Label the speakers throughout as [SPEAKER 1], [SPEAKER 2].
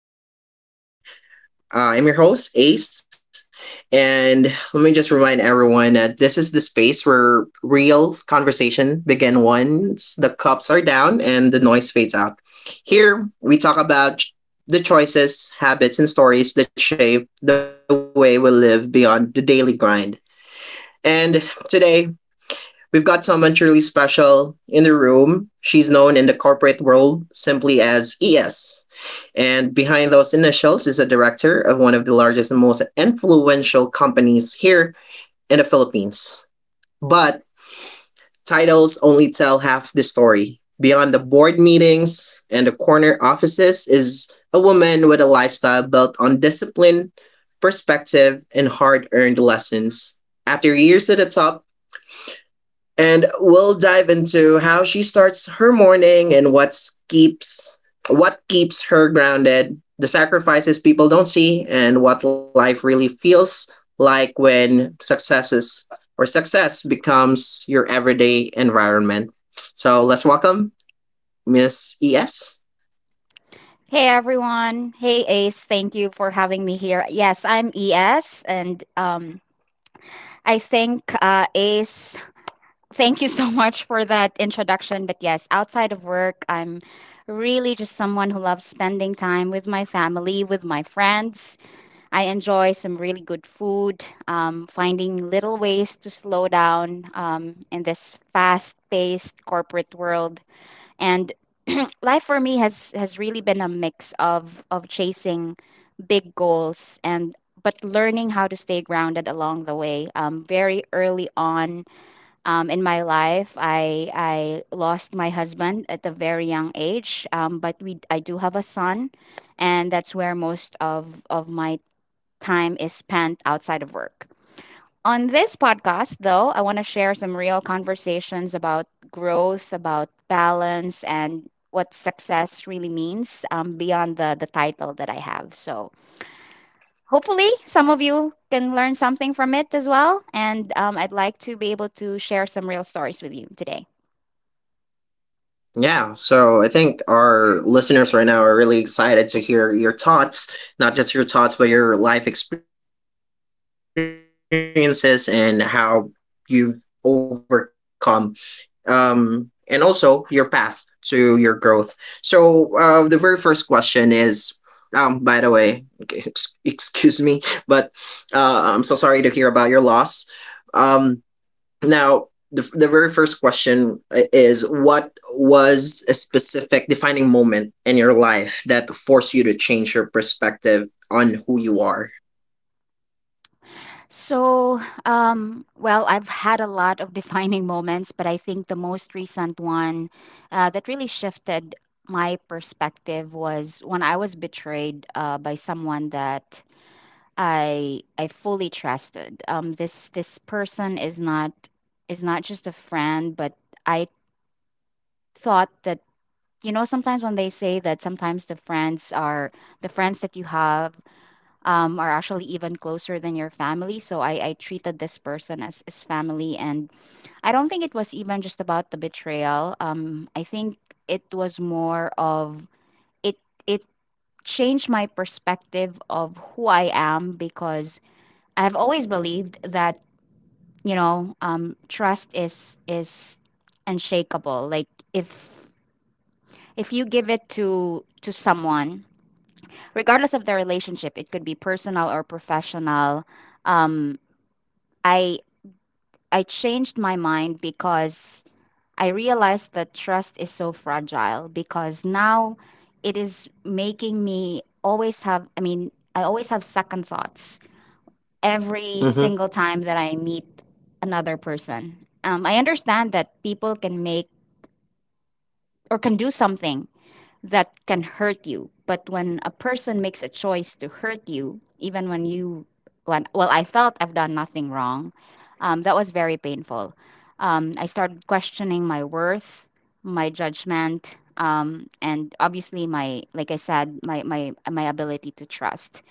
[SPEAKER 1] to Life After Coffee. I'm your host, Ace, and let me just remind everyone that this is the space where real conversation begin once the cups are down and the noise fades out. Here, we talk about the choices, habits, and stories that shape the way we live beyond the daily grind. And today, we've got someone truly special in the room. She's known in the corporate world simply as ES. And behind those initials is a director of one of the largest and most influential companies here in the Philippines. But titles only tell half the story. Beyond the board meetings and the corner offices is a woman with a lifestyle built on discipline, perspective, and hard earned lessons. After years at the top, and we'll dive into how she starts her morning and what keeps her grounded, the sacrifices people don't see, and what life really feels like when success becomes your everyday environment. So let's welcome Miss ES.
[SPEAKER 2] Hey everyone. Hey Ace, thank you for having me here. Yes, I'm ES and I think Ace, thank you so much for that introduction, but yes, outside of work, I'm really just someone who loves spending time with my family, with my friends. I enjoy some really good food, finding little ways to slow down in this fast-paced corporate world and life for me has really been a mix of chasing big goals and but learning how to stay grounded along the way. Very early on, in my life I lost my husband at a very young age. But we I do have a son, and that's where most of my time is spent outside of work. On this podcast though, I want to share some real conversations about growth, about balance, and what success really means, beyond the title that I have. So hopefully some of you can learn something from it as well, and I'd like to be able to share some real stories with you today.
[SPEAKER 1] Yeah, so I think our listeners right now are really excited to hear your thoughts, not just your thoughts, but your life experiences and how you've overcome, and also your path to your growth. So, the very first question is, by the way, excuse me, but I'm so sorry to hear about your loss. Um, now, the very first question is what was a specific defining moment in your life that forced you to change your perspective on who you are?
[SPEAKER 2] So, well, I've had a lot of defining moments, but I think the most recent one, that really shifted my perspective, was when I was betrayed by someone that I fully trusted. This person is not, is not just a friend, but I thought that, you know, sometimes when they say that sometimes the friends are the friends that you have, are actually even closer than your family. So I treated this person as family. And I don't think it was even just about the betrayal. I think it was more of it it changed my perspective of who I am, because I've always believed that, you know, trust is unshakable. Like if you give it to someone, regardless of the relationship, it could be personal or professional. um i I changed my mind because I realized that trust is so fragile, because now it is making me always have, I mean, I always have second thoughts every single time that
[SPEAKER 1] Mm-hmm.
[SPEAKER 2] I meet another person. I understand that people can make or can do something that can hurt you. But when a person makes a choice to hurt you, even when you, when, well, I felt I've done nothing wrong, that was very painful. I started questioning my worth, my judgment, and obviously my, like I said, my my ability to trust.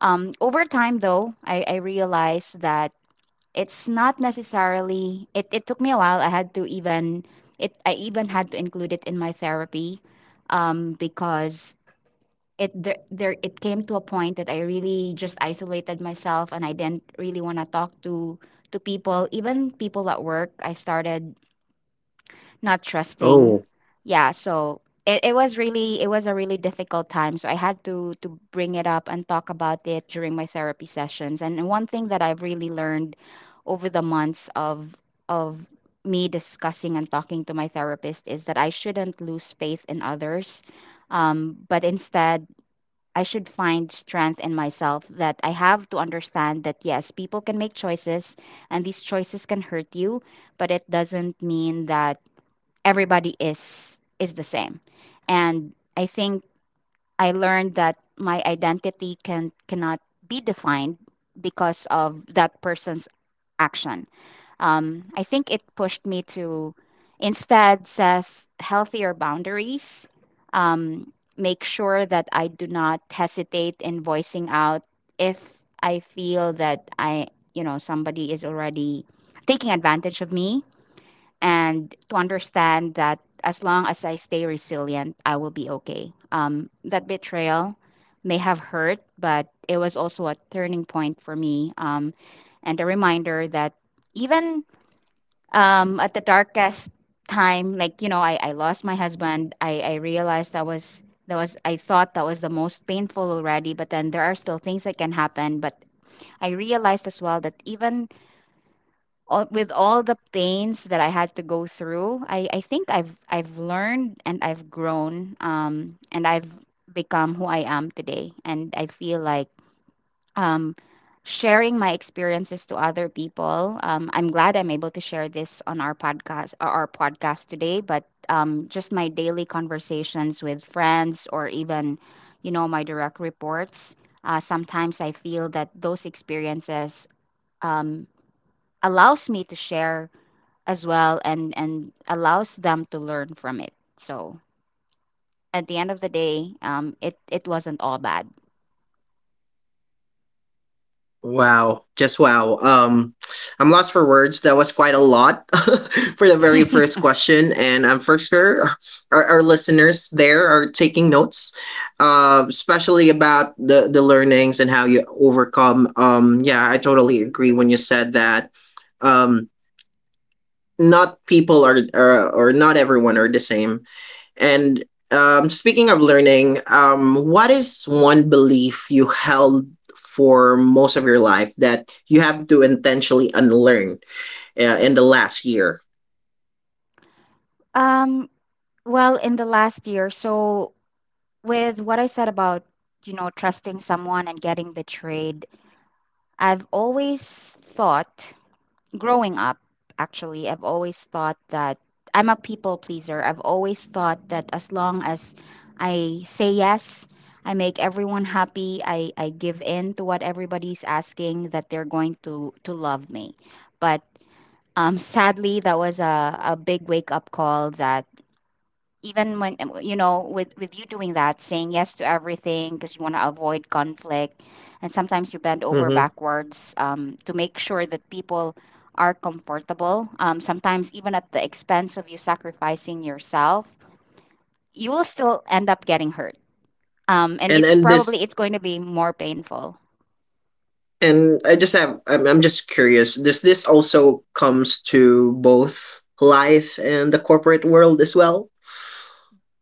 [SPEAKER 2] Over time, though, I realized that it's not necessarily it took me a while. I had to even it I even had to include it in my therapy, because it there it came to a point that I really just isolated myself, and I didn't really want to talk to people, even people at work. I started not trusting. Yeah,
[SPEAKER 1] Oh,
[SPEAKER 2] so it was really it was a really difficult time. So I had to bring it up and talk about it during my therapy sessions. And one thing that I've really learned over the months of of me discussing and talking to my therapist is that I shouldn't lose faith in others, but instead I should find strength in myself. That I have to understand that yes, people can make choices, and these choices can hurt you, but it doesn't mean that everybody is the same. And I think I learned that my identity cannot be defined because of that person's action. I think it pushed me to instead set healthier boundaries, um, make sure that I do not hesitate in voicing out if I feel that I, you know, somebody is already taking advantage of me, and to understand that as long as I stay resilient, I will be okay. That betrayal may have hurt, but it was also a turning point for me, and a reminder that even, at the darkest time, like, you know, I lost my husband, I realized that was. That was, I thought that was the most painful already, but then there are still things that can happen. But I realized as well that even all, with all the pains that I had to go through, I think I've learned and I've grown, and I've become who I am today. And I feel like, um, sharing my experiences to other people. I'm glad I'm able to share this on our podcast, our podcast today. But just my daily conversations with friends or even, you know, my direct reports. Sometimes I feel that those experiences, um, allows me to share as well, and allows them to learn from it. So at the end of the day, it wasn't all bad.
[SPEAKER 1] wow, just wow. I'm lost for words. That was quite a lot for the very first question, and I'm for sure our listeners there are taking notes, especially about the learnings and how you overcome. Yeah, I totally agree when you said that. Um, not people are or not everyone are the same and speaking of learning, what is one belief you held for most of your life that you have to intentionally unlearn in the last year?
[SPEAKER 2] um well, in the last year, so with what I said about, you know, trusting someone and getting betrayed, I've always thought, growing up, actually, I've always thought that I'm a people pleaser. I've always thought that as long as I say yes, I make everyone happy, I give in to what everybody's asking, that they're going to love me. But sadly, that was a big wake up call. That even when, you know, with you doing that, saying yes to everything because you want to avoid conflict, and sometimes you bend over backwards to make sure that people are comfortable, sometimes even at the expense of you sacrificing yourself, you will still end up getting hurt. And
[SPEAKER 1] And
[SPEAKER 2] it's
[SPEAKER 1] and this
[SPEAKER 2] probably it's going to be more painful.
[SPEAKER 1] and I just have I'm just curious. Does this also comes to both life and the corporate world as well?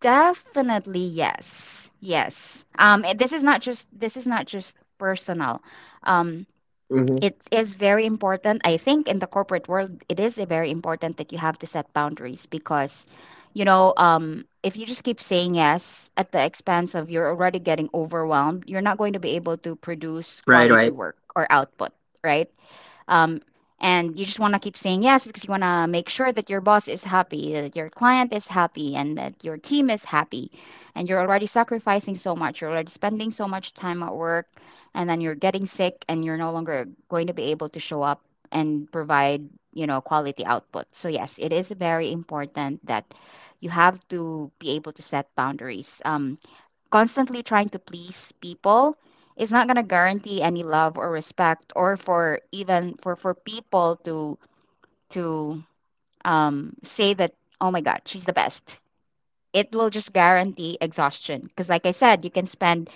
[SPEAKER 2] Definitely, yes, yes. And this is not just, this is not just personal, um,
[SPEAKER 1] Mm-hmm.
[SPEAKER 2] it is very important. I think in the corporate world, it is very important that you have to set boundaries, because, you know, if you just keep saying yes at the expense of you're already getting overwhelmed, you're not going to be able to produce
[SPEAKER 1] Right,
[SPEAKER 2] quality
[SPEAKER 1] right.
[SPEAKER 2] work or output. Right. um, and you just want to keep saying yes because you want to make sure that your boss is happy, that your client is happy, and that your team is happy. And you're already sacrificing so much. You're already spending so much time at work, and then you're getting sick, and you're no longer going to be able to show up and provide, you know, quality output. So yes, it is very important that you have to be able to set boundaries. Constantly trying to please people is not going to guarantee any love or respect, or for even for people to to say that, oh my god, she's the best. It will just guarantee exhaustion, because like I said, you can spend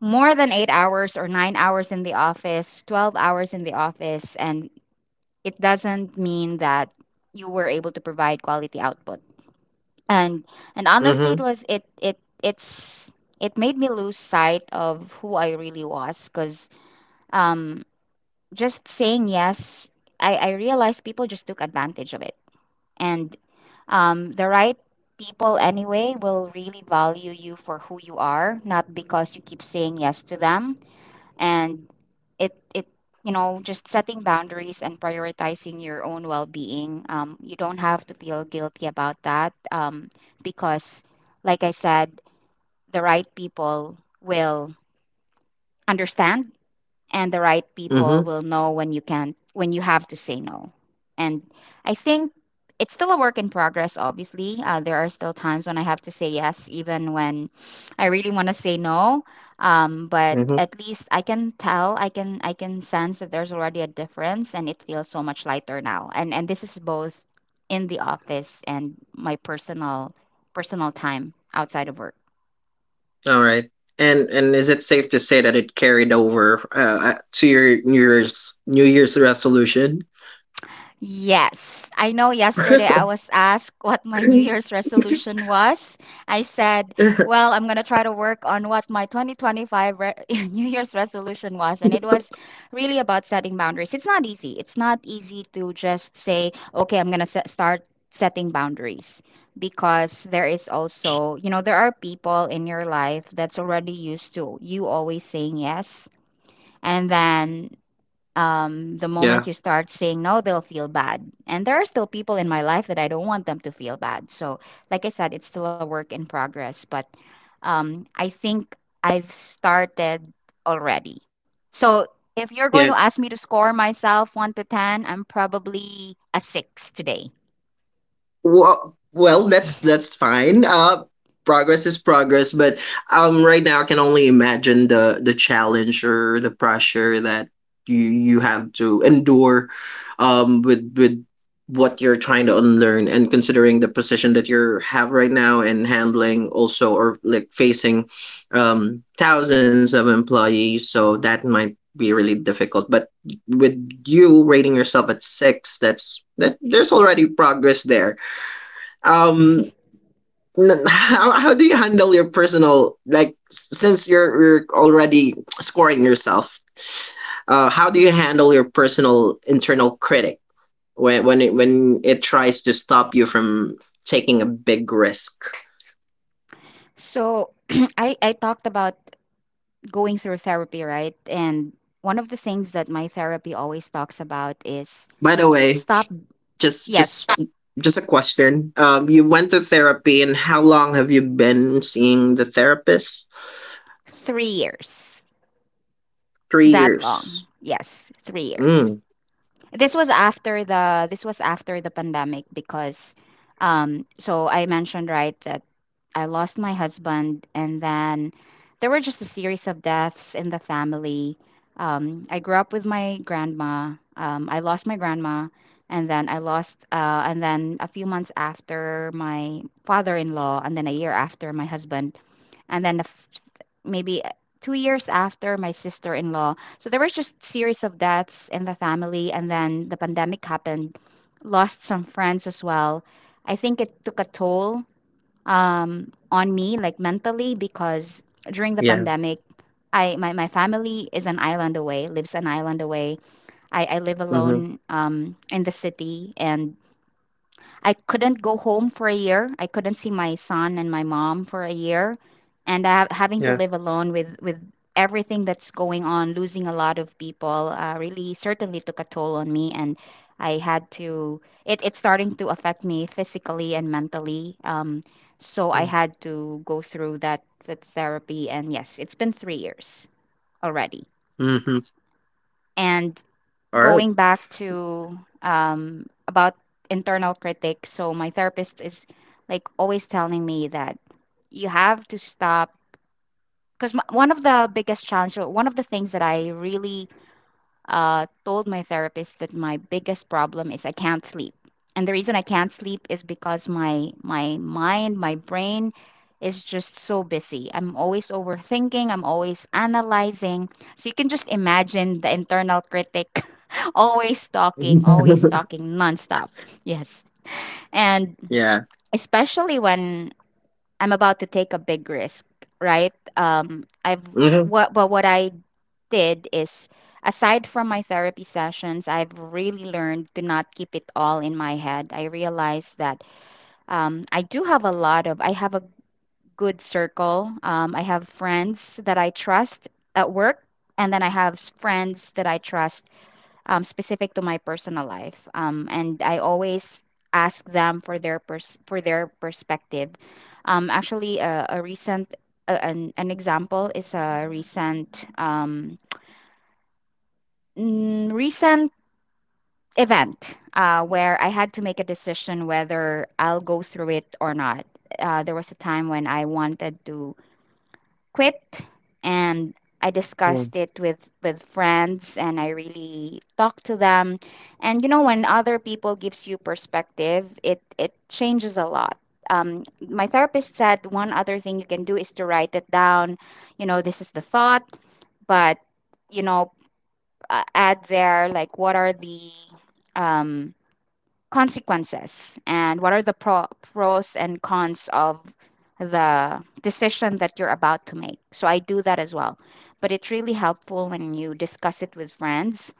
[SPEAKER 2] more than 8 hours or 9 hours in the office, 12 hours in the office, and it doesn't mean that you were able to provide quality output. and and
[SPEAKER 1] Mm-hmm.
[SPEAKER 2] honestly, it was it's, it made me lose sight of who I really was, because, um just saying yes, I realized people just took advantage of it. And the right people anyway will really value you for who you are, not because you keep saying yes to them. And it, you know, just setting boundaries and prioritizing your own well-being, you don't have to feel guilty about that, because, like I said, the right people will understand, and the right
[SPEAKER 1] Mm-hmm.
[SPEAKER 2] people will know when you can, when you have to say no. And I think it's still a work in progress, obviously. There are still times when I have to say yes even when I really want to say no, but at least I can tell, I can I can sense that there's already a difference, and it feels so much lighter now. And this is both in the office and my personal time outside of work.
[SPEAKER 1] All right. And is it safe to say that it carried over to your New Year's resolution?
[SPEAKER 2] Yes, I know yesterday I was asked what my New Year's resolution was. I said, well, I'm going to try to work on what my 2025 re New Year's resolution was. And it was really about setting boundaries. It's not easy. It's not easy to just say, okay, I'm going to start setting boundaries, because there is also, you know, there are people in your life that's already used to you always saying yes. And then, the
[SPEAKER 1] Yeah.
[SPEAKER 2] moment you start saying no, they'll feel bad. And there are still people in my life that I don't want them to feel bad. So, like I said, it's still a work in progress, but, I think I've started already. So, if you're going to ask me to score myself 1 to 10, I'm probably a 6 today.
[SPEAKER 1] Well, well, that's fine. Progress is progress, but right now I can only imagine the challenge or the pressure that you have to endure, with what you're trying to unlearn and considering the position that you have right now and handling also or like facing thousands of employees, so that might be really difficult, but with you rating yourself at six, that's that there's already progress there. Um, how do you handle your personal like since you're already scoring yourself, how do you handle your personal internal critic when when it tries to stop you from taking a big risk?
[SPEAKER 2] So, I talked about going through therapy, right? And one of the things that my therapy always talks about is
[SPEAKER 1] By the way,
[SPEAKER 2] stop,
[SPEAKER 1] just
[SPEAKER 2] yes,
[SPEAKER 1] just just a question, um, you went to therapy and how long have you been seeing the therapist?
[SPEAKER 2] 3 years.
[SPEAKER 1] 3
[SPEAKER 2] That long.
[SPEAKER 1] years.
[SPEAKER 2] Yes, 3 years.
[SPEAKER 1] Mm.
[SPEAKER 2] This was after the this was after the pandemic. Because I mentioned, right, that I lost my husband, and then there were just a series of deaths in the family. I grew up with my grandma. I lost my grandma, and then I lost and then a few months after my father-in-law, and then a year after my husband, and then the f- maybe 2 years after my sister-in-law. So there was just series of deaths in the family, and then the pandemic happened, lost some friends as well. I think it took a toll on me, like, mentally, because during the
[SPEAKER 1] Yeah.
[SPEAKER 2] pandemic my family is an island away lives an island away. I live alone,
[SPEAKER 1] Mhm.
[SPEAKER 2] in the city, and I couldn't go home for a year. I couldn't see my son and my mom for a year, and I, having to live
[SPEAKER 1] Yeah.
[SPEAKER 2] alone with everything that's going on, losing a lot of people, really certainly took a toll on me. And I had to. It's starting to affect me physically and mentally. So I
[SPEAKER 1] Mm-hmm.
[SPEAKER 2] had to go through that therapy, and yes, it's been 3 years already.
[SPEAKER 1] Mm-hmm.
[SPEAKER 2] And
[SPEAKER 1] All
[SPEAKER 2] going
[SPEAKER 1] right.
[SPEAKER 2] back to, about internal critic, so my therapist is, like, always telling me that you have to stop, because one of the biggest challenges, or one of the things that I really, told my therapist, that my biggest problem is I can't sleep. And the reason I can't sleep is because my brain is just so busy. I'm always overthinking, I'm always analyzing. So you can just imagine the internal critic always talking nonstop. Yes. And
[SPEAKER 1] Yeah.
[SPEAKER 2] especially when I'm about to take a big risk, right? I've
[SPEAKER 1] Mhm.
[SPEAKER 2] what but what I did is, aside from my therapy sessions, I've really learned to not keep it all in my head. I realized that, I do have a lot of, I have a good circle. I have friends that I trust at work, and then I have friends that I trust, specific to my personal life. And I always ask them for their for their perspective. Actually, a recent an example is a recent, recent event, where I had to make a decision whether I'll go through it or not. There was a time when I wanted to quit, and I
[SPEAKER 1] Mm.
[SPEAKER 2] discussed it with friends, and I really talked to them. And, you know, when other people gives you perspective, it changes a lot. My therapist said one other thing you can do is to write it down. You know, this is the thought, but, you know, add there, like, what are the, um, consequences, and what are the pros and cons of the decision that you're about to make. So I do that as well. But it's really helpful when you discuss it with friends,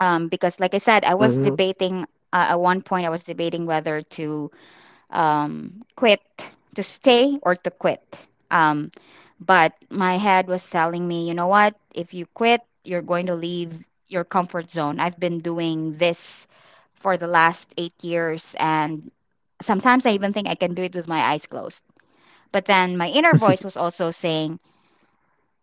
[SPEAKER 2] because, like I said, I was
[SPEAKER 1] Mhm.
[SPEAKER 2] debating, at one point, I was debating whether to, quit, to stay or to quit. Um, but my head was telling me, you know what? If you quit, you're going to leave your comfort zone. I've been doing this for the last 8 years, and sometimes I even think I can do it with my eyes closed. But then my inner voice was also saying,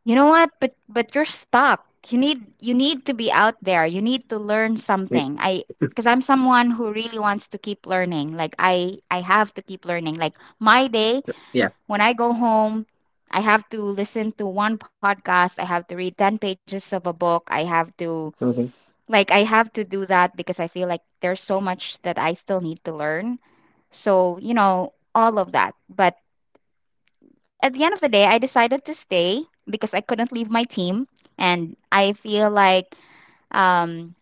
[SPEAKER 2] you know what? But you're stuck. You need to be out there. You need to learn something. I, because I'm someone who really wants to keep learning. Like, I have to keep learning. Like, my day,
[SPEAKER 1] Yeah.
[SPEAKER 2] when I go home, I have to listen to one podcast. I have to read 10 pages of a book. I have to,
[SPEAKER 1] Mhm.
[SPEAKER 2] like, I have to do that because I feel like there's so much that I still need to learn. So, you know, all of that. But at the end of the day, I decided to stay because I couldn't leave my team, and I feel like, um,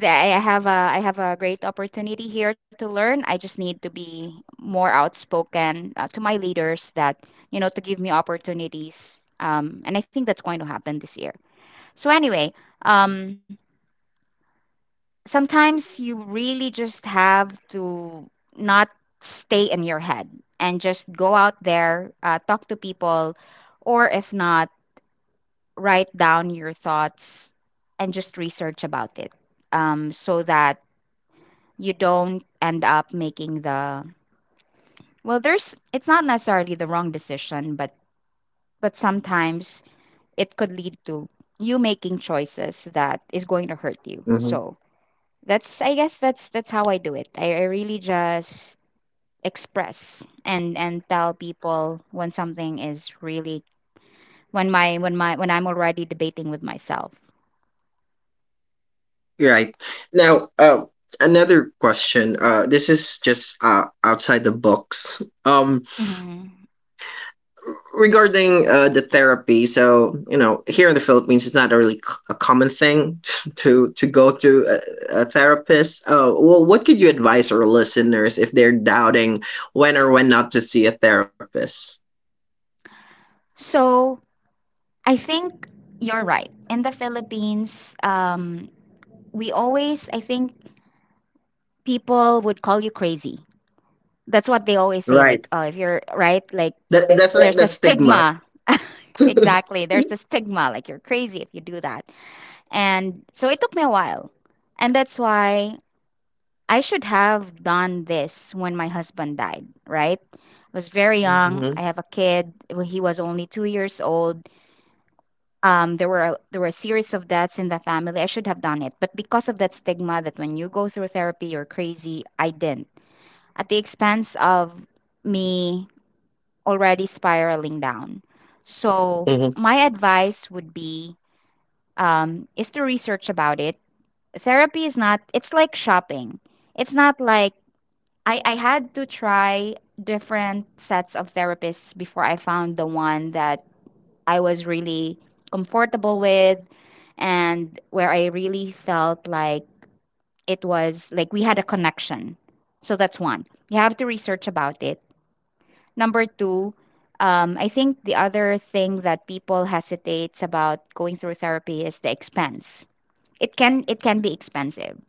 [SPEAKER 2] that I have a great opportunity here to learn. I just need to be more outspoken, to my leaders, that, you know, to give me opportunities, and I think that's going to happen this year. So anyway, um, sometimes you really just have to not stay in your head, and just go out there, talk to people, or if not, write down your thoughts and just research about it, so that you don't end up making the, well, there's it's not necessarily the wrong decision, but sometimes it could lead to you making choices that is going to hurt you.
[SPEAKER 1] Mhm.
[SPEAKER 2] So that's, I guess, that's how I do it. I really just express and tell people when something is really, when I'm already debating with myself.
[SPEAKER 1] You're right. Now, another question. This is just outside the books.
[SPEAKER 2] hmm
[SPEAKER 1] Regarding the therapy. So, you know, here in the Philippines, it's not really a common thing to go to a therapist. Well, what could you advise our listeners if they're doubting when or when not to see a therapist?
[SPEAKER 2] so I think you're right. In the Philippines, we always, I think, people would call you crazy. That's what they always say.
[SPEAKER 1] Right.
[SPEAKER 2] Like, oh, if you're right, like,
[SPEAKER 1] That that's like
[SPEAKER 2] there's a
[SPEAKER 1] that stigma.
[SPEAKER 2] stigma.
[SPEAKER 1] Hmm.
[SPEAKER 2] Exactly. There's the stigma, like, you're crazy if you do that. And so it took me a while. And that's why I should have done this when my husband died, right? I was very young. I have a kid. He was only 2 years old. um, there were there were a series of deaths in the family. I should have done it, but because of that stigma that when you go through therapy you're crazy, I didn't. At the expense of me already spiraling down. So
[SPEAKER 1] Hmm.
[SPEAKER 2] my advice would be, is to research about it. Therapy is not, it's like shopping. It's not like, I had to try different sets of therapists before I found the one that I was really comfortable with, and where I really felt like it was like we had a connection. So that's one. You have to research about it. Number two, I think the other thing that people hesitates about going through therapy is the expense. It can be expensive.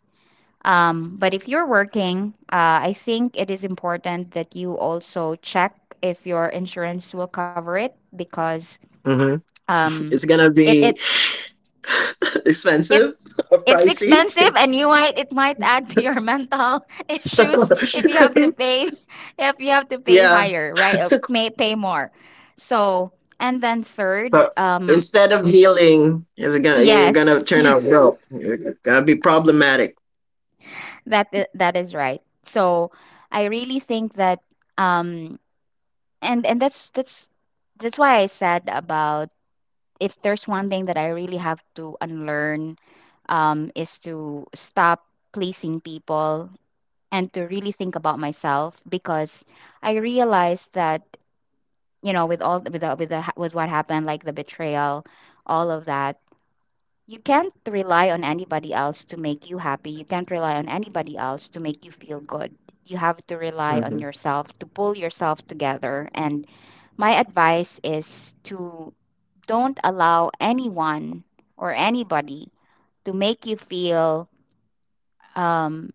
[SPEAKER 2] But if you're working, I think it is important that you also check if your insurance will cover it, because
[SPEAKER 1] Hmm.
[SPEAKER 2] um,
[SPEAKER 1] It's gonna
[SPEAKER 2] it it
[SPEAKER 1] be
[SPEAKER 2] it
[SPEAKER 1] expensive or
[SPEAKER 2] It's
[SPEAKER 1] pricey.
[SPEAKER 2] expensive, and you might it might add to your mental issues if you have to pay, if you have to pay
[SPEAKER 1] Yeah,
[SPEAKER 2] higher, right? May pay more. So, and then third.
[SPEAKER 1] but instead of healing, is gonna you're gonna
[SPEAKER 2] Yes,
[SPEAKER 1] turn out broke. You're gonna be problematic.
[SPEAKER 2] that is right. So, I really think that, um and that's why I said, about, if there's one thing that I really have to unlearn, is to stop pleasing people, and to really think about myself, because I realized that, you know, with all with the, with the, with what happened, like the betrayal, all of that, you can't rely on anybody else to make you happy. You can't rely on anybody else to make you feel good. You have to rely on
[SPEAKER 1] Hmm.
[SPEAKER 2] yourself to pull yourself together, and my advice is to, don't allow anyone or anybody to make you feel, um,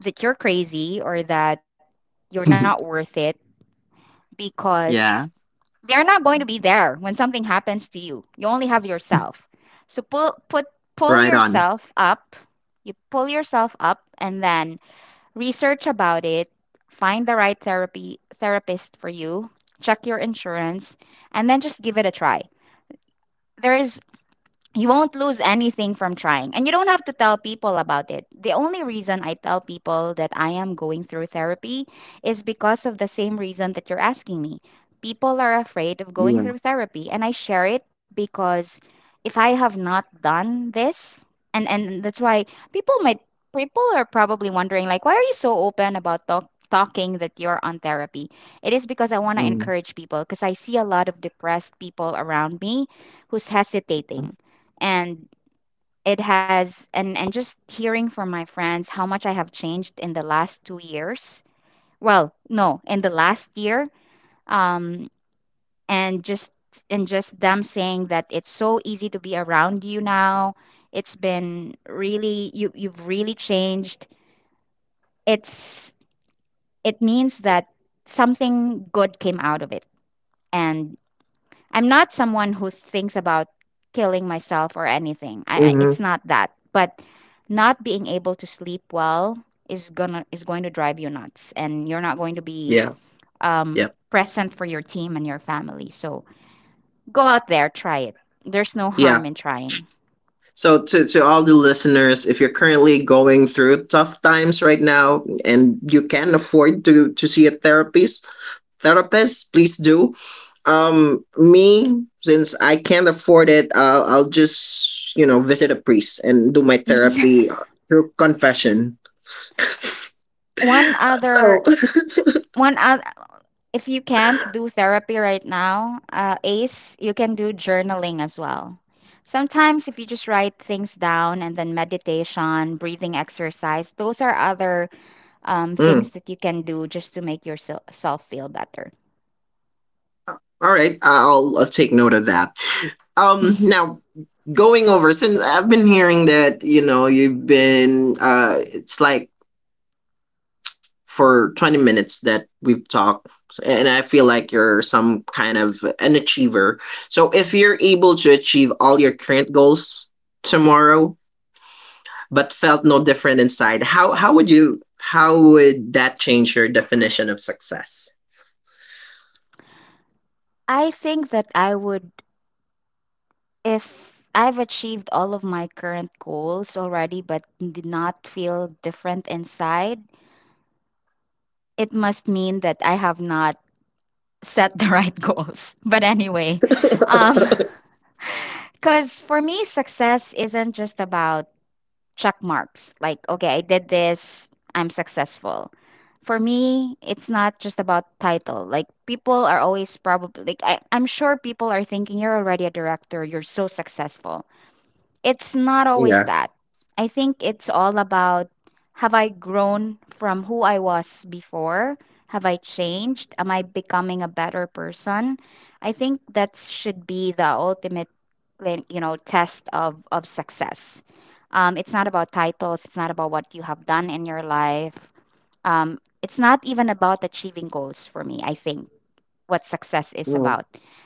[SPEAKER 2] that you're crazy, or that you're not worth it, because they're not going to be there when something happens to you. You only have yourself. So pull
[SPEAKER 1] Right on.
[SPEAKER 2] yourself up. You pull yourself up, and then research about it, find the right therapy therapist for you, check your insurance, and then just give it a try. There is, you won't lose anything from trying. And you don't have to tell people about it. The only reason I tell people that I am going through therapy is because of the same reason that you're asking me. People are afraid of
[SPEAKER 1] Yeah.
[SPEAKER 2] going through therapy. And I share it, because if I have not done this, and that's why people might, people are probably wondering, like, why are you so open about talking that you're on therapy? It is because I want to
[SPEAKER 1] Mm-hmm.
[SPEAKER 2] encourage people, because I see a lot of depressed people around me who's hesitating. And it has and and just hearing from my friends how much I have changed in the last 2 years. Well, no, in the last year, um, and just and just them saying that it's so easy to be around you now. It's been really, you, you've really changed. It's, it means that something good came out of it. And I'm not someone who thinks about killing myself or anything. I,
[SPEAKER 1] Mm-hmm.
[SPEAKER 2] it's not that. But not being able to sleep well is going to drive you nuts, and you're not going to be,
[SPEAKER 1] Yeah.
[SPEAKER 2] um,
[SPEAKER 1] Yeah.
[SPEAKER 2] present for your team and your family. So go out there, try it. There's no
[SPEAKER 1] Yeah.
[SPEAKER 2] harm in trying.
[SPEAKER 1] So to all the listeners, if you're currently going through tough times right now and you can afford to see a therapist, therapist, please do. Me, since I can't afford it, I'll just you know visit a priest and do my therapy through confession.
[SPEAKER 2] one other
[SPEAKER 1] So,
[SPEAKER 2] one oth- If you can't do therapy right now, ACE, you can do journaling as well. Sometimes, if you just write things down, and then meditation, breathing exercise, those are other things that
[SPEAKER 1] mm,
[SPEAKER 2] you can do just to make yourself feel better.
[SPEAKER 1] all right, I'll take note of that. Now, going over, since I've been hearing that, you know, you've been it's like for 20 minutes that we've talked and I feel like you're some kind of an achiever. So if you're able to achieve all your current goals tomorrow but felt no different inside, how would you, how would that change your definition of success?
[SPEAKER 2] I think that I would, if I've achieved all of my current goals already but did not feel different inside, it must mean that I have not set the right goals. But anyway, um,
[SPEAKER 1] Hahaha.
[SPEAKER 2] because for me, success isn't just about check marks. Like, okay, I did this, I'm successful. For me, it's not just about title. Like, people are always probably, like, I'm sure people are thinking you're already a director, you're so successful. It's not always that. I think it's all about, have I grown from who I was before? Have I changed? Am I becoming a better person? I think that should be the ultimate, when you know test of success. It's not about titles, it's not about what you have done in your life. It's not even about achieving goals. For me, I think what success is
[SPEAKER 1] Hmm.
[SPEAKER 2] about,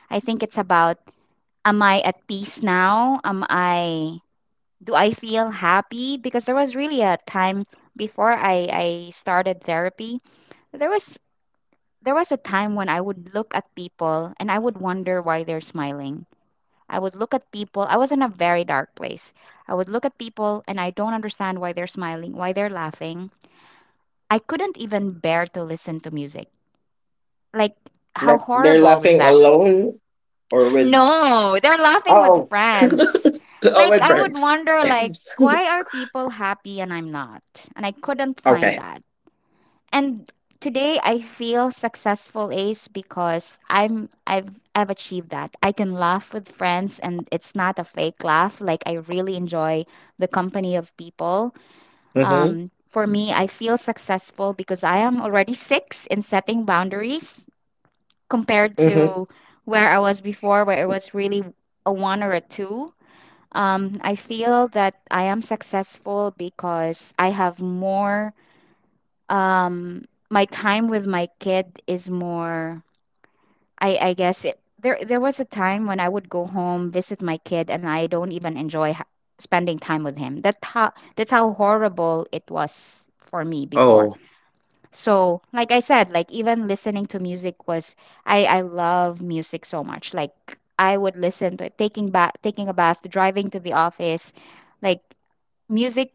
[SPEAKER 2] I think it's about, am I at peace now? Am I, do I feel happy? Because there was really a time before I started therapy, there was, there was a time when I would look at people and I would wonder why they're smiling. I would look at people. I was in a very dark place. I would look at people and I don't understand why they're smiling, why they're laughing. I couldn't even bear to listen to music. Like, how
[SPEAKER 1] Like they're
[SPEAKER 2] horrible was
[SPEAKER 1] laughing
[SPEAKER 2] that?
[SPEAKER 1] alone or with
[SPEAKER 2] No, they're laughing with
[SPEAKER 1] oh
[SPEAKER 2] friends.
[SPEAKER 1] all
[SPEAKER 2] Like,
[SPEAKER 1] with
[SPEAKER 2] I would
[SPEAKER 1] friends.
[SPEAKER 2] wonder, like, why are people happy and I'm not? And I couldn't find
[SPEAKER 1] Okay.
[SPEAKER 2] that. And today I feel successful, Ace, because I've I've achieved that. I can laugh with friends and it's not a fake laugh. Like, I really enjoy the company of people.
[SPEAKER 1] Mhm.
[SPEAKER 2] For me, I feel successful because I am already six in setting boundaries compared
[SPEAKER 1] Mhm.
[SPEAKER 2] to where I was before, where it was really a one or a two. I feel that I am successful because I have more, um my time with my kid is more, I guess there was a time when I would go home, visit my kid, and I don't even enjoy spending time with him. That how, that's how horrible it was for me before.
[SPEAKER 1] Oh,
[SPEAKER 2] So like I said, like even listening to music was, I love music so much. Like, I would listen to it taking a bath, driving to the office. Like, music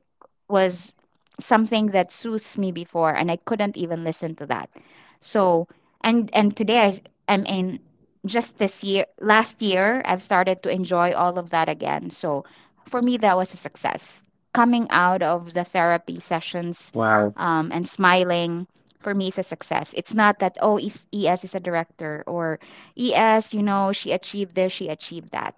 [SPEAKER 2] was something that soothes me before, and I couldn't even listen to that. So and today I s- I in just this year, last year, I've started to enjoy all of that again. So for me, that was a success. Coming out of the
[SPEAKER 1] wow.
[SPEAKER 2] therapy sessions and smiling, for me, is a success. It's not that, oh, ES is a director, or ES, you know, she achieved this, she achieved that.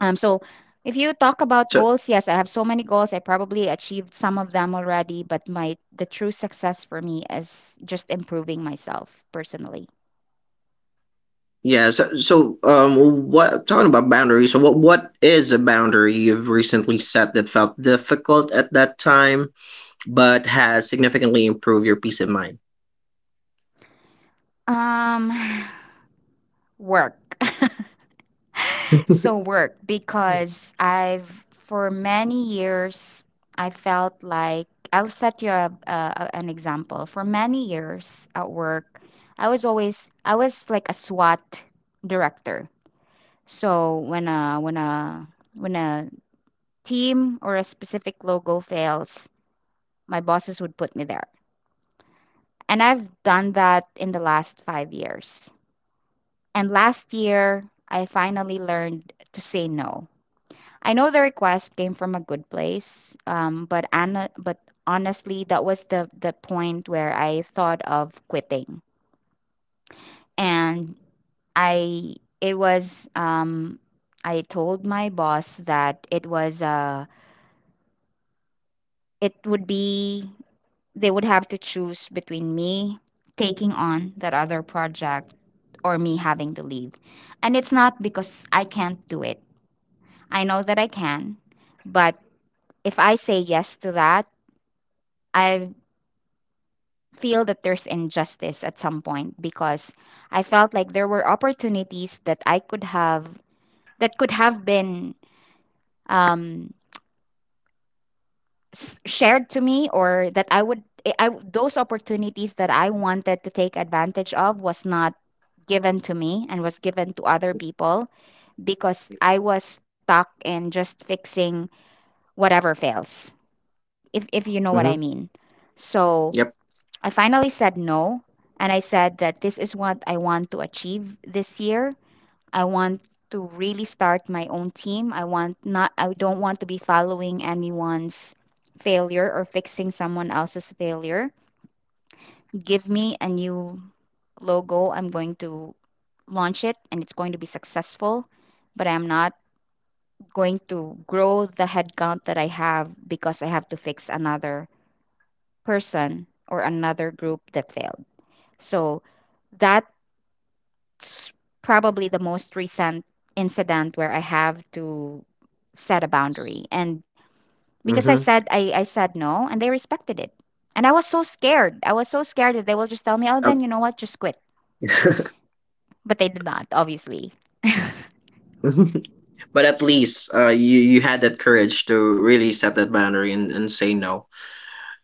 [SPEAKER 2] So if you
[SPEAKER 1] So
[SPEAKER 2] talk about goals, yes, I have so many goals. I probably achieved some of them already, but my the true success for me is just improving myself personally.
[SPEAKER 1] yeah, so so what talking about boundaries? So what is a boundary you've recently set that felt difficult at that time, but has significantly improved your peace of mind?
[SPEAKER 2] Um, work. So, work, because I've, for many years, I felt like, I'll set you up an example. For many years at work, I was like a SWAT director. So when a team or a specific logo fails, my bosses would put me there. And I've done that in the last five years. And last year, I finally learned to say no. I know the request came from a good place, but Anna, but honestly, that was the point where I thought of quitting. And I, it was, I told my boss that it was it would be they would have to choose between me taking on that other project or me having to leave. And it's not because I can't do it. I know that I can, but if I say yes to that, I feel that there's injustice at some point because I felt like there were opportunities that I could have, that could have been, um, shared to me, or that I would I- those opportunities that I wanted to take advantage of was not given to me and was given to other people, because I was stuck in just fixing whatever fails, if you know what I mean.
[SPEAKER 1] Mm-hmm.
[SPEAKER 2] So
[SPEAKER 1] Yep.
[SPEAKER 2] I finally said no. And I said that this is what I want to achieve this year. I want to really start my own team. I don't want to be following anyone's failure or fixing someone else's failure. Give me a new logo. I'm going to launch it and it's going to be successful, but I'm not going to grow the headcount that I have because I have to fix another person or another group that failed. So that's probably the most recent incident where I have to set a boundary. And because
[SPEAKER 1] Mm-hmm.
[SPEAKER 2] I said no, and they respected it. And I was so scared. I was so scared that they will just tell me, oh, then you know what, just quit. But they did not, obviously.
[SPEAKER 1] But at least you you had that courage to really set that boundary and say no.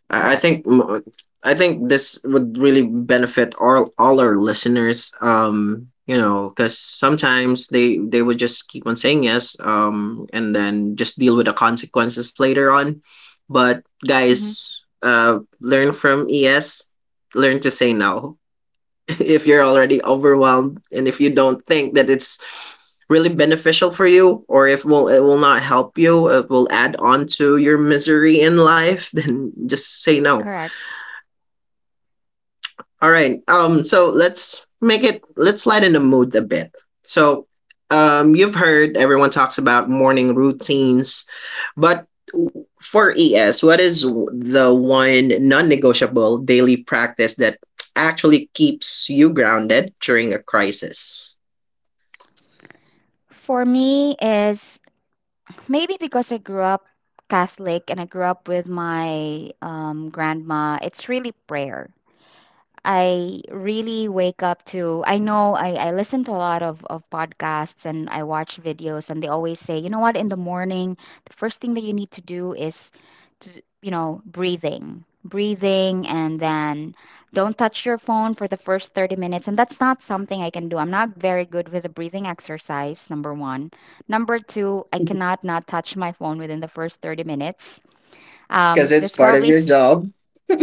[SPEAKER 1] I
[SPEAKER 2] Correct.
[SPEAKER 1] think I think this would really benefit all our listeners. You know, because sometimes they would just keep on saying yes, and then just deal with the consequences later on. But
[SPEAKER 2] Hmm.
[SPEAKER 1] guys, learn from ES. Learn to say no. If you're already overwhelmed and if you don't think that it's really beneficial for you, or if will it will not help you, it will add on to your misery in life, then just say no.
[SPEAKER 2] Correct.
[SPEAKER 1] All right. So let's make it let's lighten the mood a bit. So, you've heard everyone talks about morning routines, but for ES, what is the one non-negotiable daily practice that actually keeps you grounded during a crisis?
[SPEAKER 2] For me is, maybe because I grew up Catholic and I grew up with my grandma, it's really prayer. I really wake up to, I know I listen to a lot of podcasts and I watch videos, and they always say, you know what, in the morning, the first thing that you need to do is to, you know, breathing, and then don't touch your phone for the first 30 minutes. And that's not something I can do. I'm not very good with the breathing exercise, number one. Number two, I cannot not touch my phone within the first 30 minutes.
[SPEAKER 1] Because it's
[SPEAKER 2] That's
[SPEAKER 1] part of
[SPEAKER 2] probably
[SPEAKER 1] your job.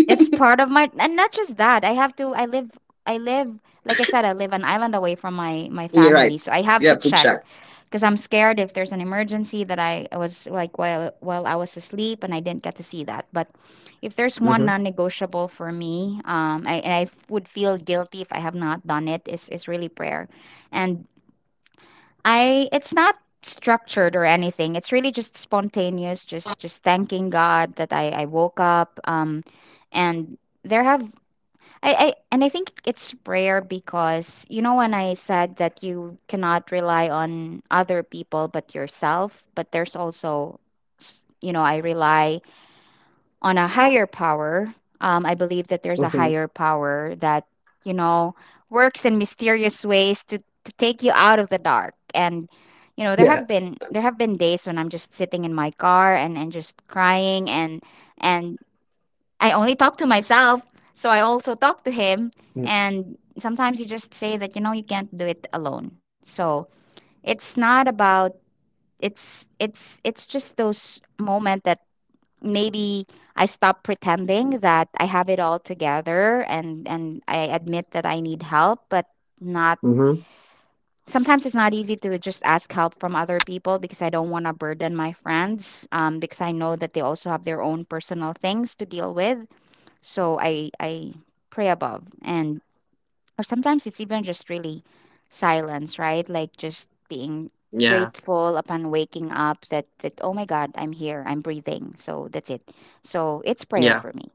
[SPEAKER 2] it's part of my, and not just that. I have to, I live, like I said, I live an island away from my
[SPEAKER 1] You're right.
[SPEAKER 2] family, so I have
[SPEAKER 1] You
[SPEAKER 2] to
[SPEAKER 1] have to
[SPEAKER 2] check
[SPEAKER 1] check.
[SPEAKER 2] because I'm scared if there's an emergency that I was like while I was asleep and I didn't get to see that. But if there's one
[SPEAKER 1] Mm-hmm.
[SPEAKER 2] non-negotiable for me, and I would feel guilty if I have not done it, is really prayer, and I it's not structured or anything. It's really just spontaneous, just thanking God that I woke up. And there have I and I think it's prayer because, you know, when I said that you cannot rely on other people but yourself, but there's also, you know, I rely on a higher power. I believe that there's a
[SPEAKER 1] Mm-hmm.
[SPEAKER 2] higher power that, you know, works in mysterious ways to take you out of the dark. And, you know,
[SPEAKER 1] Yeah.
[SPEAKER 2] there have been days when I'm just sitting in my car and just crying. And I only talk to myself, so I also talk to him. And sometimes you just say that, you know, you can't do it alone. So it's not about, it's just those moment that, maybe, I stop pretending that I have it all together, and I admit that I need help. But not,
[SPEAKER 1] Mm-hmm.
[SPEAKER 2] sometimes it's not easy to just ask help from other people, because I don't want to burden my friends, because I know that they also have their own personal things to deal with. So I pray above, and, or sometimes it's even just really silence, right? Like, just being
[SPEAKER 1] Yeah.
[SPEAKER 2] grateful upon waking up that, that, oh my god, I'm here, I'm breathing. So that's it. So it's prayer
[SPEAKER 1] Yeah.
[SPEAKER 2] for me.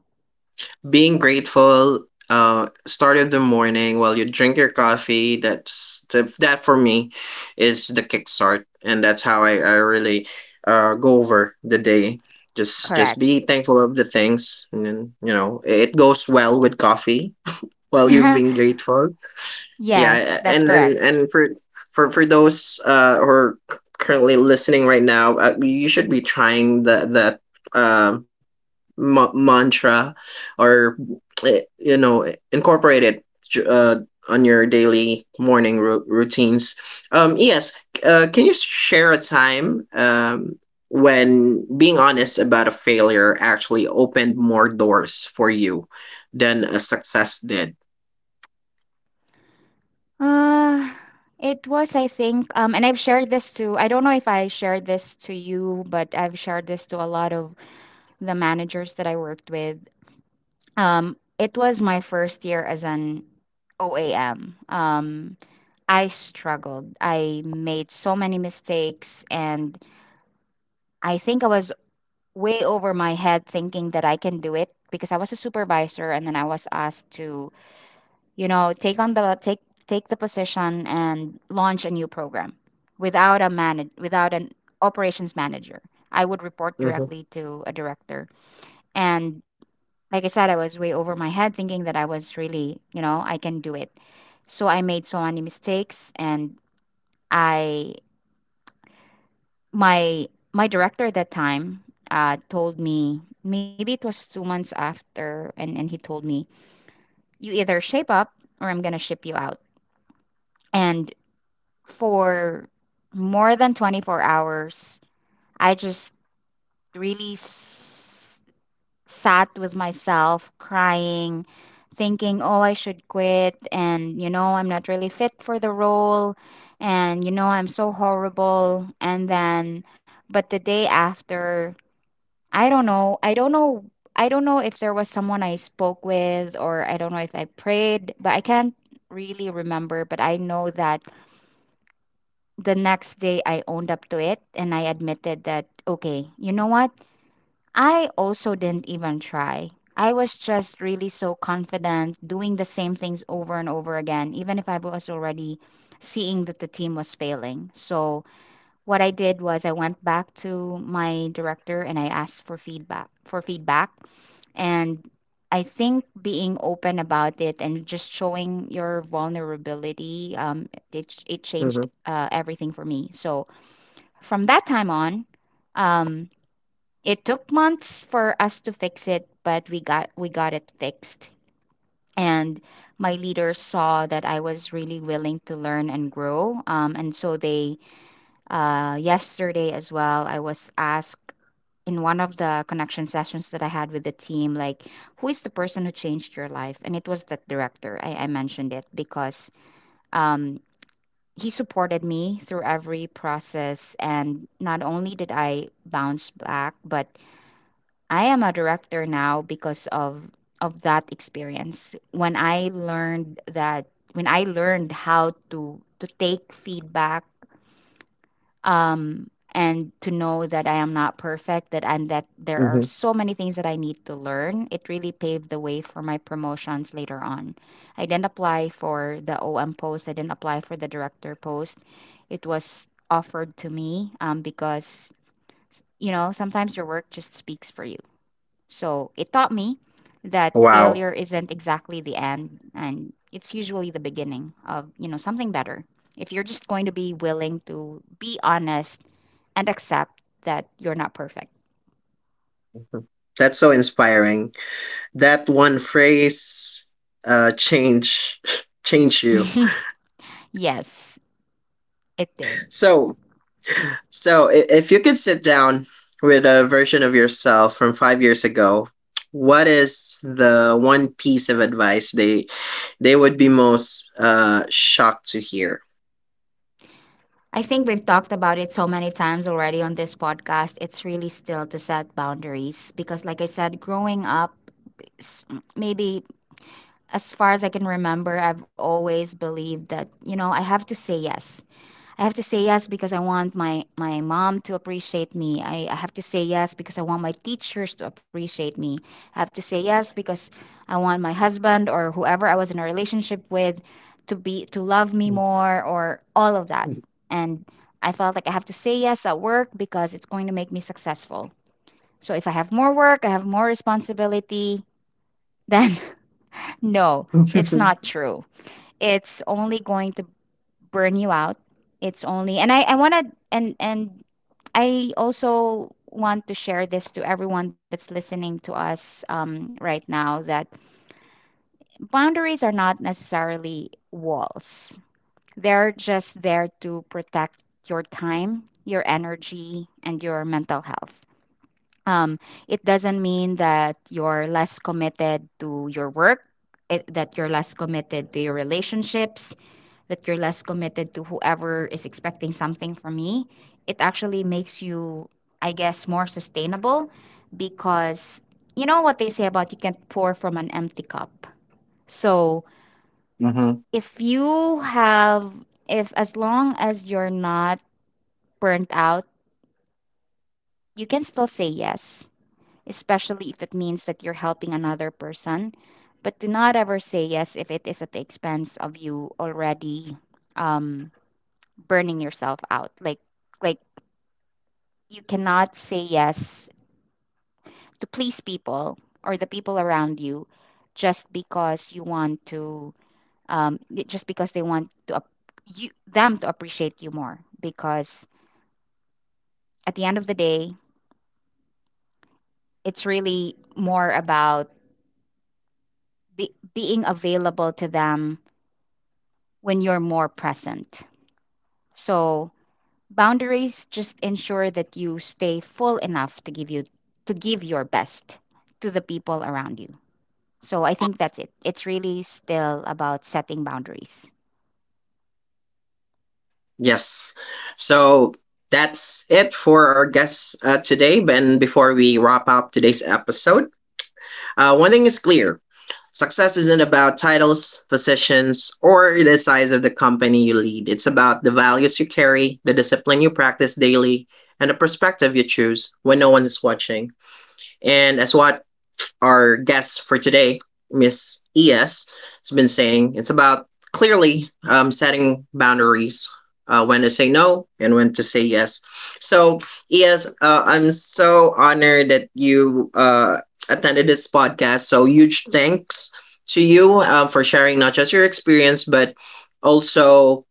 [SPEAKER 1] Being grateful start of the morning while you drink your coffee, that for me is the kickstart and that's how I really go over the day, just
[SPEAKER 2] Correct.
[SPEAKER 1] be thankful of the things, and then, you know, it goes well with coffee while you're being grateful.
[SPEAKER 2] Yes,
[SPEAKER 1] Yeah,
[SPEAKER 2] that's
[SPEAKER 1] and
[SPEAKER 2] correct.
[SPEAKER 1] and and for for those who are currently listening right now, you should be trying the that um mantra or eh, you know, incorporate it uh, on your daily morning routines, um, yes. Can you share a time when being honest about a failure actually opened more doors for you than a success did?
[SPEAKER 2] uh it was, I think, and I've shared this to, I don't know if I shared this to you, but I've shared this to a lot of the managers that I worked with. It was my first year as an OAM. I struggled. I made so many mistakes, and I think I was way over my head thinking that I can do it because I was a supervisor, and then I was asked to, you know, take the position and launch a new program without a manage without an operations manager. I would report
[SPEAKER 1] Hmm.
[SPEAKER 2] directly to a director, and like I said, I was way over my head thinking that I was really, you know, I can do it. So I made so many mistakes, and I my my director at that time told me maybe it was 2 months after and he told me, "You either shape up or I'm going to ship you out." And for more than 24 hours, I just really s- sat with myself crying, thinking, "Oh, I should quit and, you know, I'm not really fit for the role, and, you know, I'm so horrible." And then, but the day after, I don't know. I don't know. I don't know if there was someone I spoke with, or I don't know if I prayed, but I can't really remember. But I know that the next day I owned up to it, and I admitted that, okay, you know what? I also didn't even try. I was just really so confident doing the same things over and over again, even if I was already seeing that the team was failing. So what I did was I went back to my director and I asked for feedback. And I think being open about it and just showing your vulnerability, it
[SPEAKER 1] Hmm.
[SPEAKER 2] changed everything for me. So from that time on, um, it took months for us to fix it, but we got it fixed. And my leaders saw that I was really willing to learn and grow, and so they yesterday as well, I was asked in one of the connection sessions that I had with the team, like, who is the person who changed your life? And it was that director. I mentioned it because, um, he supported me through every process. And not only did I bounce back, but I am a director now because of that experience. When I learned that, when I learned how to take feedback, and to know that I am not perfect, that and that there are
[SPEAKER 1] Hmm.
[SPEAKER 2] so many things that I need to learn, it really paved the way for my promotions later on. I didn't apply for the OM post, I didn't apply for the director post. It was offered to me, because, you know, sometimes your work just speaks for you. So it taught me that
[SPEAKER 1] Wow,
[SPEAKER 2] failure isn't exactly the end, and it's usually the beginning of, you know, something better, if you're just going to be willing to be honest and accept that you're not perfect.
[SPEAKER 1] that's so inspiring, that one phrase change change you.
[SPEAKER 2] Yes, it did.
[SPEAKER 1] So, So, if you could sit down with a version of yourself from 5 years ago, what is the one piece of advice they would be most shocked to hear?
[SPEAKER 2] I think we've talked about it so many times already on this podcast. It's really still to set boundaries because, like I said, growing up, s- maybe as far as I can remember, I've always believed that, you know, I have to say yes. I have to say yes because I want my mom to appreciate me. I have to say yes because I want my teachers to appreciate me. I have to say yes because I want my husband or whoever I was in a relationship with to love me more, or all of that. And I felt like I have to say yes at work because it's going to make me successful. So if I have more work, I have more responsibility, then no, it's not true. It's only going to burn you out. It's only, and I want to and I also want to share this to everyone that's listening to us, right now, that boundaries are not necessarily walls. They're just there to protect your time, your energy, and your mental health. Um, it doesn't mean that you're less committed to your work, that you're less committed to your relationships, that you're less committed to whoever is expecting something from me. It actually makes you, I guess, more sustainable, because you know what they say about you can't pour from an empty cup. So
[SPEAKER 1] Mm-hmm.
[SPEAKER 2] if you have, if, as long as you're not burnt out, you can still say yes, especially if it means that you're helping another person. But do not ever say yes if it is at the expense of you already um, burning yourself out. Like you cannot say yes to please people or the people around you just
[SPEAKER 1] Yep.
[SPEAKER 2] because you want to, um, just because they want to ap- you them to appreciate you more, because at the end of the day, it's really more about being available to them when you're more present. So boundaries just ensure that you stay full enough to give your best to the people around you. So I think that's it. It's really still about setting boundaries.
[SPEAKER 1] Yes. So that's it for our guests today. And before we wrap up today's episode, one thing is clear. Success isn't about titles, positions, or the size of the company you lead. It's about the values you carry, the discipline you practice daily, and the perspective you choose when no one is watching. And as what our guest for today, Miss ES, has been saying. It's about clearly setting boundaries, when to say no and when to say yes. So, ES, I'm so honored that you attended this podcast. So, huge thanks to you for sharing not just your experience, but also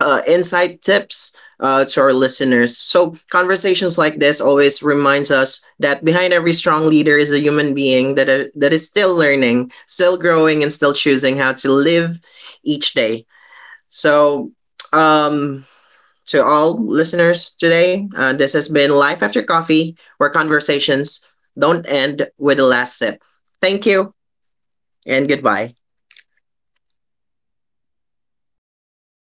[SPEAKER 1] insight tips to our listeners. So conversations like this always reminds us that behind every strong leader is a human being that is still learning, still growing, and still choosing how to live each day. So um, to all listeners today, this has been Life After Coffee, where conversations don't end with the last sip. Thank you and goodbye. Okay.